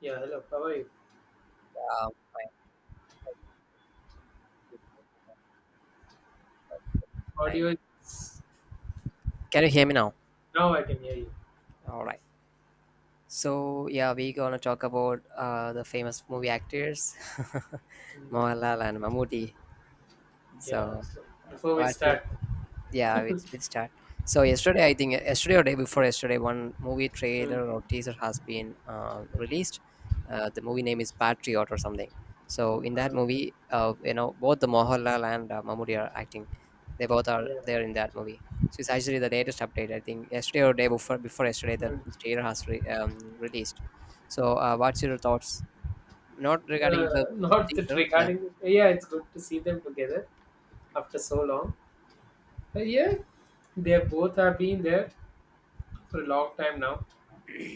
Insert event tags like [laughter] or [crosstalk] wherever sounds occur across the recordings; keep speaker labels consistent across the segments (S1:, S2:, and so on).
S1: Yeah, hello. How are you?
S2: Fine, fine.
S1: Audio is
S2: Can you hear me now?
S1: now I can hear you.
S2: All right. So yeah, we're gonna talk about the famous movie actors, [laughs]
S1: Mm.
S2: Mohanlal and Mammootty.
S1: Yeah.
S2: So
S1: So before we
S2: what's your
S1: start.
S2: Yeah, it's been start. So yesterday, I think yesterday or day before yesterday, one movie
S1: Mm.
S2: trailer or teaser has been released. The movie name is Patriot or something. So in that
S1: uh,
S2: movie, you know, both the Mohanlal and Mammoody are acting. They both are
S1: yeah.
S2: there in that movie. So it's actually the latest update. I think yesterday or day before yesterday, the,
S1: Mm.
S2: the trailer has released. So what's your thoughts? Not
S1: uh,
S2: regarding the
S1: not that
S2: teaser, yeah.
S1: regarding. Yeah, it's good to see them together after so long. Yeah, they both have been there for a long time now.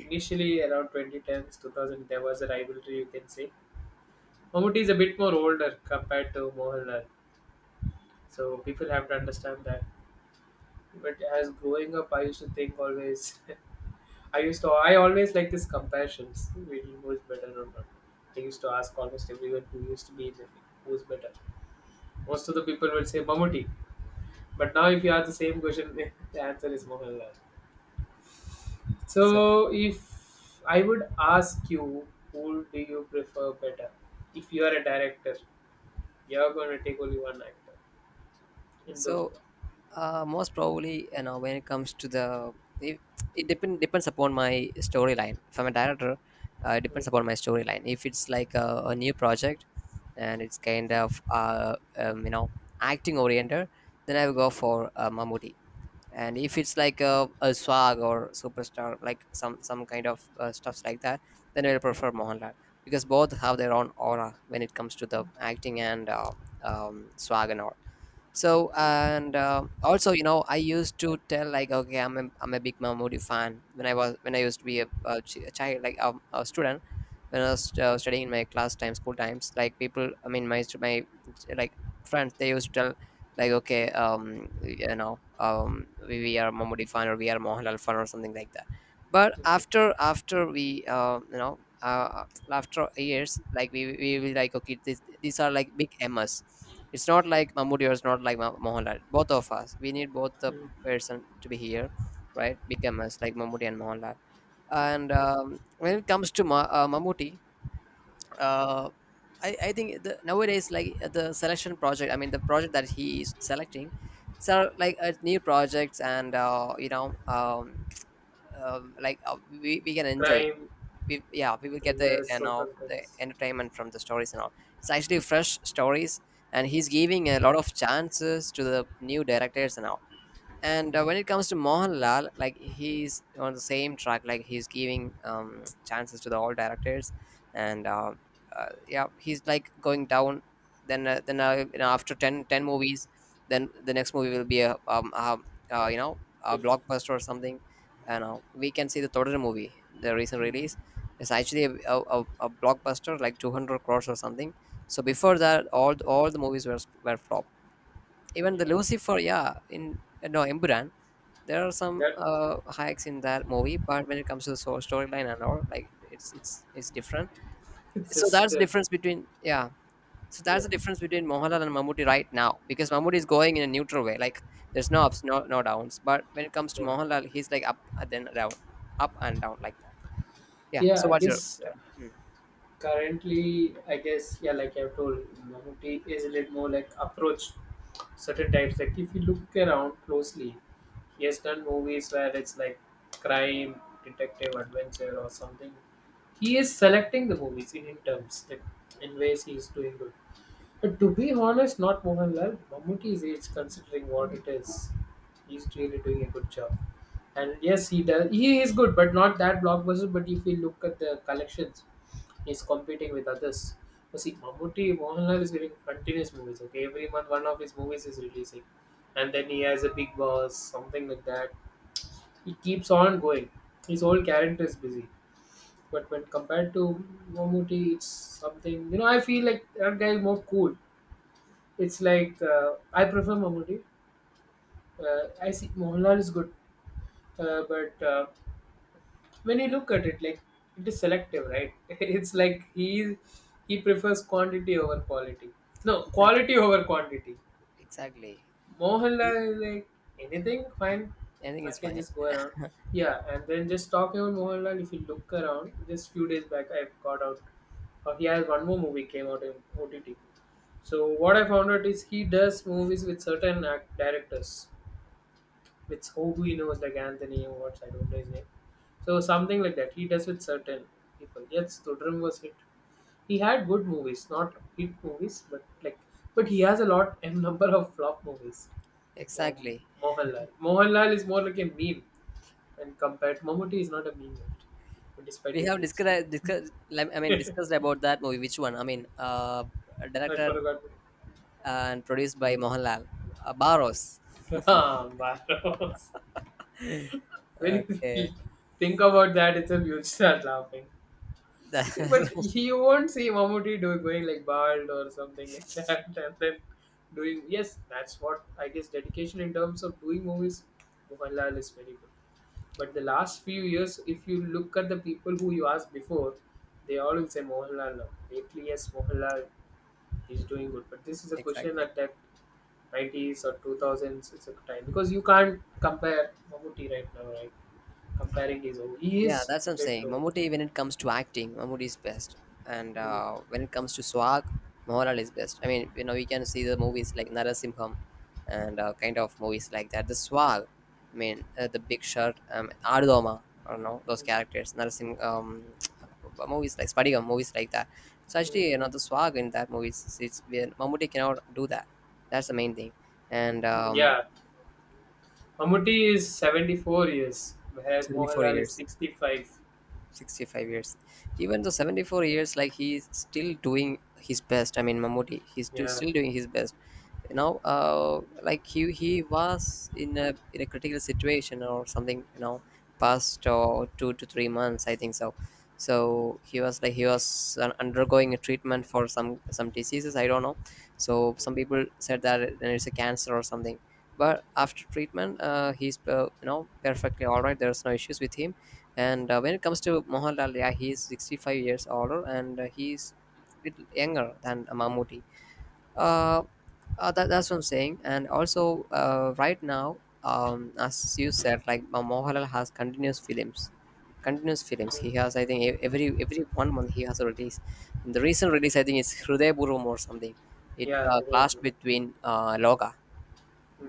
S1: Initially, around 2010s, 2000, there was a rivalry, you can say. Mamuti is a bit more older compared to Mohanlal, so people have to understand that. But as growing up, I used to think always. [laughs] I always like these comparisons, really who's better or not. I used to ask almost everyone who used to be in the league, who's better. Most of the people would say Mammootty. But now if you ask the same question, [laughs] the answer is Mohanlal.
S2: So
S1: So if I would ask you, who do you prefer better? If you are a director, you're going to take only one actor in those
S2: So
S1: movies.
S2: most probably, you know, when it comes to it, it depends upon my storyline. If I'm a director, it
S1: Mm.
S2: depends upon my storyline. If it's like a new project and it's kind of you know, acting oriented, then I will go for Mammootty. And if it's like a swag or superstar, like some kind of stuffs like that, then I will prefer Mohanlal because both have their own aura when it comes to the acting and swag and all. So and also, you know, I used to tell like, okay, I'm a big Mahmoodi fan when I used to be a child, like a student, when I was studying in my class time, school times. Like people, I mean, my like friends, they used to tell like, okay, you know, we are Mahmoodi fan or we are Mohanlal fan or something like that. But
S1: Mm.
S2: after we, you know. After years like we will like okay these are like big ms, it's not like Mahmoodi or it's not like Mohanlal. Both of us, we need both the
S1: Mm. Mm.
S2: person to be here, right? Big ms like Mahmoodi and Mohanlal. And when it comes to Mahmoodi, uh, I think nowadays like the selection project, I mean the project that he is selecting, so like new projects and you know, like we can enjoy,
S1: Crime,
S2: yeah, we will get the,
S1: thrillers,
S2: you know,
S1: social
S2: the
S1: things.
S2: entertainment from the stories and all. It's actually fresh stories, and he's giving a lot of chances to the new directors and all. And when it comes to Mohanlal, like he's on the same track, like he's giving chances to the all directors, and yeah, he's like going down. Then, you know, after ten movies, then the next movie will be a
S1: Yeah.
S2: you know, a
S1: If,
S2: blockbuster or something. And we can see the Totoro movie, the recent release,
S1: mm.
S2: is actually a blockbuster, like 200 crores or something. So before
S1: Mm.
S2: that, all the movies were flop, even the
S1: Yeah.
S2: Lucifer, yeah, in no, Emburan, there are some
S1: That
S2: hikes in that movie, but when it comes to the source storyline and all, like it's it's different.
S1: It's
S2: So
S1: just
S2: that's the
S1: that.
S2: difference between, yeah. So
S1: Yeah,
S2: that's the difference between Mohanlal and Mammootty right now, because Mammootty is going in a neutral way, like there's no ups, no downs. But when it comes to
S1: yeah,
S2: Mohanlal, he's like up and then down, up and down like that. Yeah.
S1: yeah.
S2: So
S1: I
S2: what's your
S1: guess
S2: turn? Mm,
S1: currently, I guess yeah, like I've told, humanity is a little more like approach certain types. Like if you look around closely, he has done movies where it's like crime, detective, adventure, or something. He is selecting the movies in terms like in ways he is doing good. But to be honest, not Mohanlal. Mammootty's age, considering what it is, he's really doing a good job. And yes, he does. He is good, but not that blockbuster. But if we look at the collections, he's competing with others. You see, Mammootty, Mohanlal is giving continuous movies. Okay, every month one of his movies is releasing, and then he has a Big Boss, something like that. He keeps on going. His whole character is busy. But when compared to Mammootty, it's something. You know, I feel like that guy is more cool, it's like I prefer Mammootty. I see Mohanlal is good, but when you look at it, like it is selective, right? [laughs] It's like he prefers quantity over quality. No,
S2: exactly.
S1: quality over quantity.
S2: Exactly.
S1: Mohanlal
S2: He-
S1: is like anything fine.
S2: Anything
S1: I
S2: is
S1: can
S2: fine.
S1: just go around. Yeah, and then just talking about Mohanlal. If you look around, just few days back, I got out or he has one more movie came out in OTT. So what I found out is he does movies with certain act- directors. It's who he knows, like Anthony or what, I don't know his name. So something like that. He does with certain people. Yes, Tudrum was hit. He had good movies, not hit movies, but like, but he has a lot, and number of flop movies. Um,
S2: Exactly.
S1: Mohanlal is more like a meme, and compared, Mammootty is not a meme, yet, despite
S2: We
S1: his
S2: have
S1: age.
S2: discussed, I mean discussed about that movie. Which one? I mean,
S1: I
S2: directed
S1: forgot. [laughs]
S2: and produced by Mohanlal, Baros.
S1: Ah, Barros. When you
S2: Okay,
S1: [laughs] think about that, it's a huge start laughing.
S2: [laughs]
S1: See, but
S2: that-
S1: you won't see Mammootty doing going like bald or something like [laughs] that, and then doing yes, that's what I guess dedication in terms of doing movies. Mohanlal is very good, but the last few years, if you look at the people who you asked before, they all will say Mohanlal now. Lately, yes, Mohanlal is doing good, but this is a question
S2: exactly.
S1: at that 90s or 2000s. It's a time because you can't compare Mammootty right now, right? Comparing his old, he
S2: Yeah,
S1: is
S2: that's what I'm
S1: bit
S2: saying.
S1: old.
S2: Mammootty, when it comes to acting, Mammootty is best. And
S1: Hmm.
S2: when it comes to Swag, Mohanlal is best. I mean, you know, we can see the movies like Narasimham and
S1: Hmm.
S2: kind of movies like that. The Swag, I mean, the Big Shot, Aardoma, I don't know, those characters, [tsk] movies like Spadigam, movies like that. So actually, you know,
S1: Hmm.
S2: the Swag in that movie, Mammootty cannot do that. That's the main thing. And
S1: Yeah, Mammootty is 74 years, whereas
S2: 74
S1: Mohanlal is
S2: years.
S1: 65.
S2: 65 years. Even though 74 years like he's still doing his best. I mean, Mamuti,
S1: Yeah.
S2: still doing his best. You know like he was in a critical situation or something, you know, past or 2 to 3 months, I think so. So he was like, he was undergoing a treatment for some diseases, I don't know. So some people said that it's a cancer or something, but after treatment he's you know, perfectly all right. There's no issues with him. And when it comes to Mohanlal, yeah, he is 65 years older, and he's a little younger than Mammootty. Uh, that's what I'm saying. And also, right now, as you said, like Mohanlal has continuous films, continuous films. He
S1: Mhm.
S2: has, I think, every 1 month he has a release. And the recent release, I think, is Hriday Burum or something. It
S1: Yeah.
S2: clashed between Loga,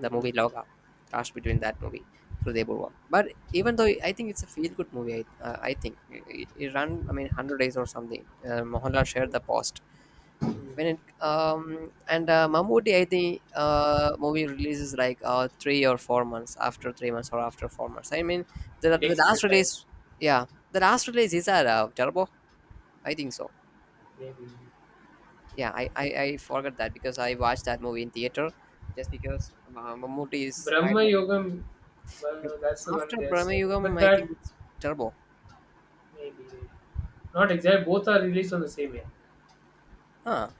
S2: the movie Loga, clash between that movie, Hriday Burwa. But even though I think it's a feel good movie, I think it ran, I mean, 100 days or something. Mohanlal shared the post. When it um, and Mammoody, I think movie releases like 3 or 4 months, after 3 months or after 4 months. I mean
S1: It
S2: the
S1: takes a
S2: last
S1: bit time.
S2: release, yeah, the last release is that Turbo, I think so.
S1: Maybe.
S2: Yeah, I forgot that because I watched that movie in theater just because Mammoody is right.
S1: Brahma Yoga, well, that's the one
S2: After
S1: they're
S2: Brahma
S1: saying. But
S2: Yugam, I
S1: that,
S2: think it's Turbo.
S1: maybe. Not exact. Both are released on the same year.
S2: Huh.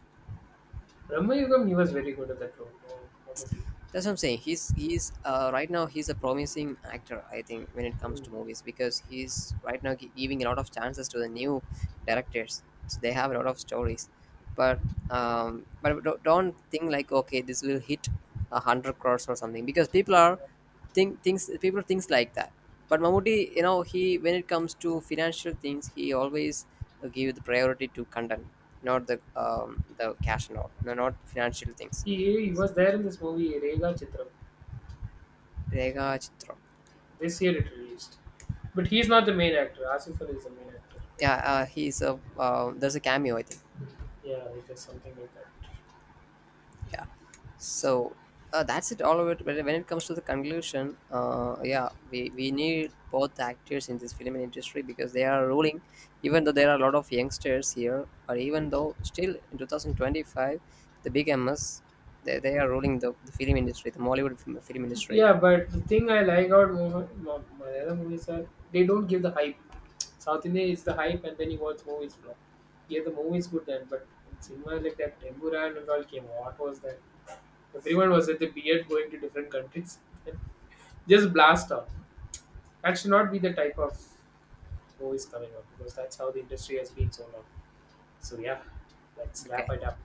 S1: Brahma Yogam, he was very good at that role. Mammootty.
S2: That's what I'm saying. He's right now he's a promising actor. I think when it comes
S1: Mm.
S2: to movies, because he's right now giving a lot of chances to the new directors. So they have a lot of stories, but but don't think like okay, this will hit 100 crores or something, because people are
S1: Yeah.
S2: think things people thinks like that. But Mammoody, you
S1: Okay.
S2: know, he when it comes to financial things, he always give the priority to content, not the the cash and all, no, not financial things.
S1: He was there in this movie, Rega Chitram.
S2: Rega Chitra.
S1: This year it released. But he's not the main actor. Asif Ali is the main actor.
S2: Yeah, he's a there's a cameo, I think.
S1: Yeah, like there's something like that.
S2: Yeah. So
S1: So-
S2: that's it, all of it. When it comes to the conclusion, yeah, we need both the actors in this film industry, because they are ruling. Even though there are a lot of youngsters here, but even though still in 2025, the big ms, they are ruling the film industry, the mollywood film industry.
S1: yeah, but the thing I like about Malayalam movies are they don't give the hype. South India is the hype, and then you watch movies flop. Yeah, the movie is good then, but in cinema like that, Temburan and all came. What was that? Everyone was at the beard going to different countries. And just blast off. That should not be the type of movies coming out because that's how the industry has been so long. So yeah, let's wrap
S2: Okay.
S1: it up.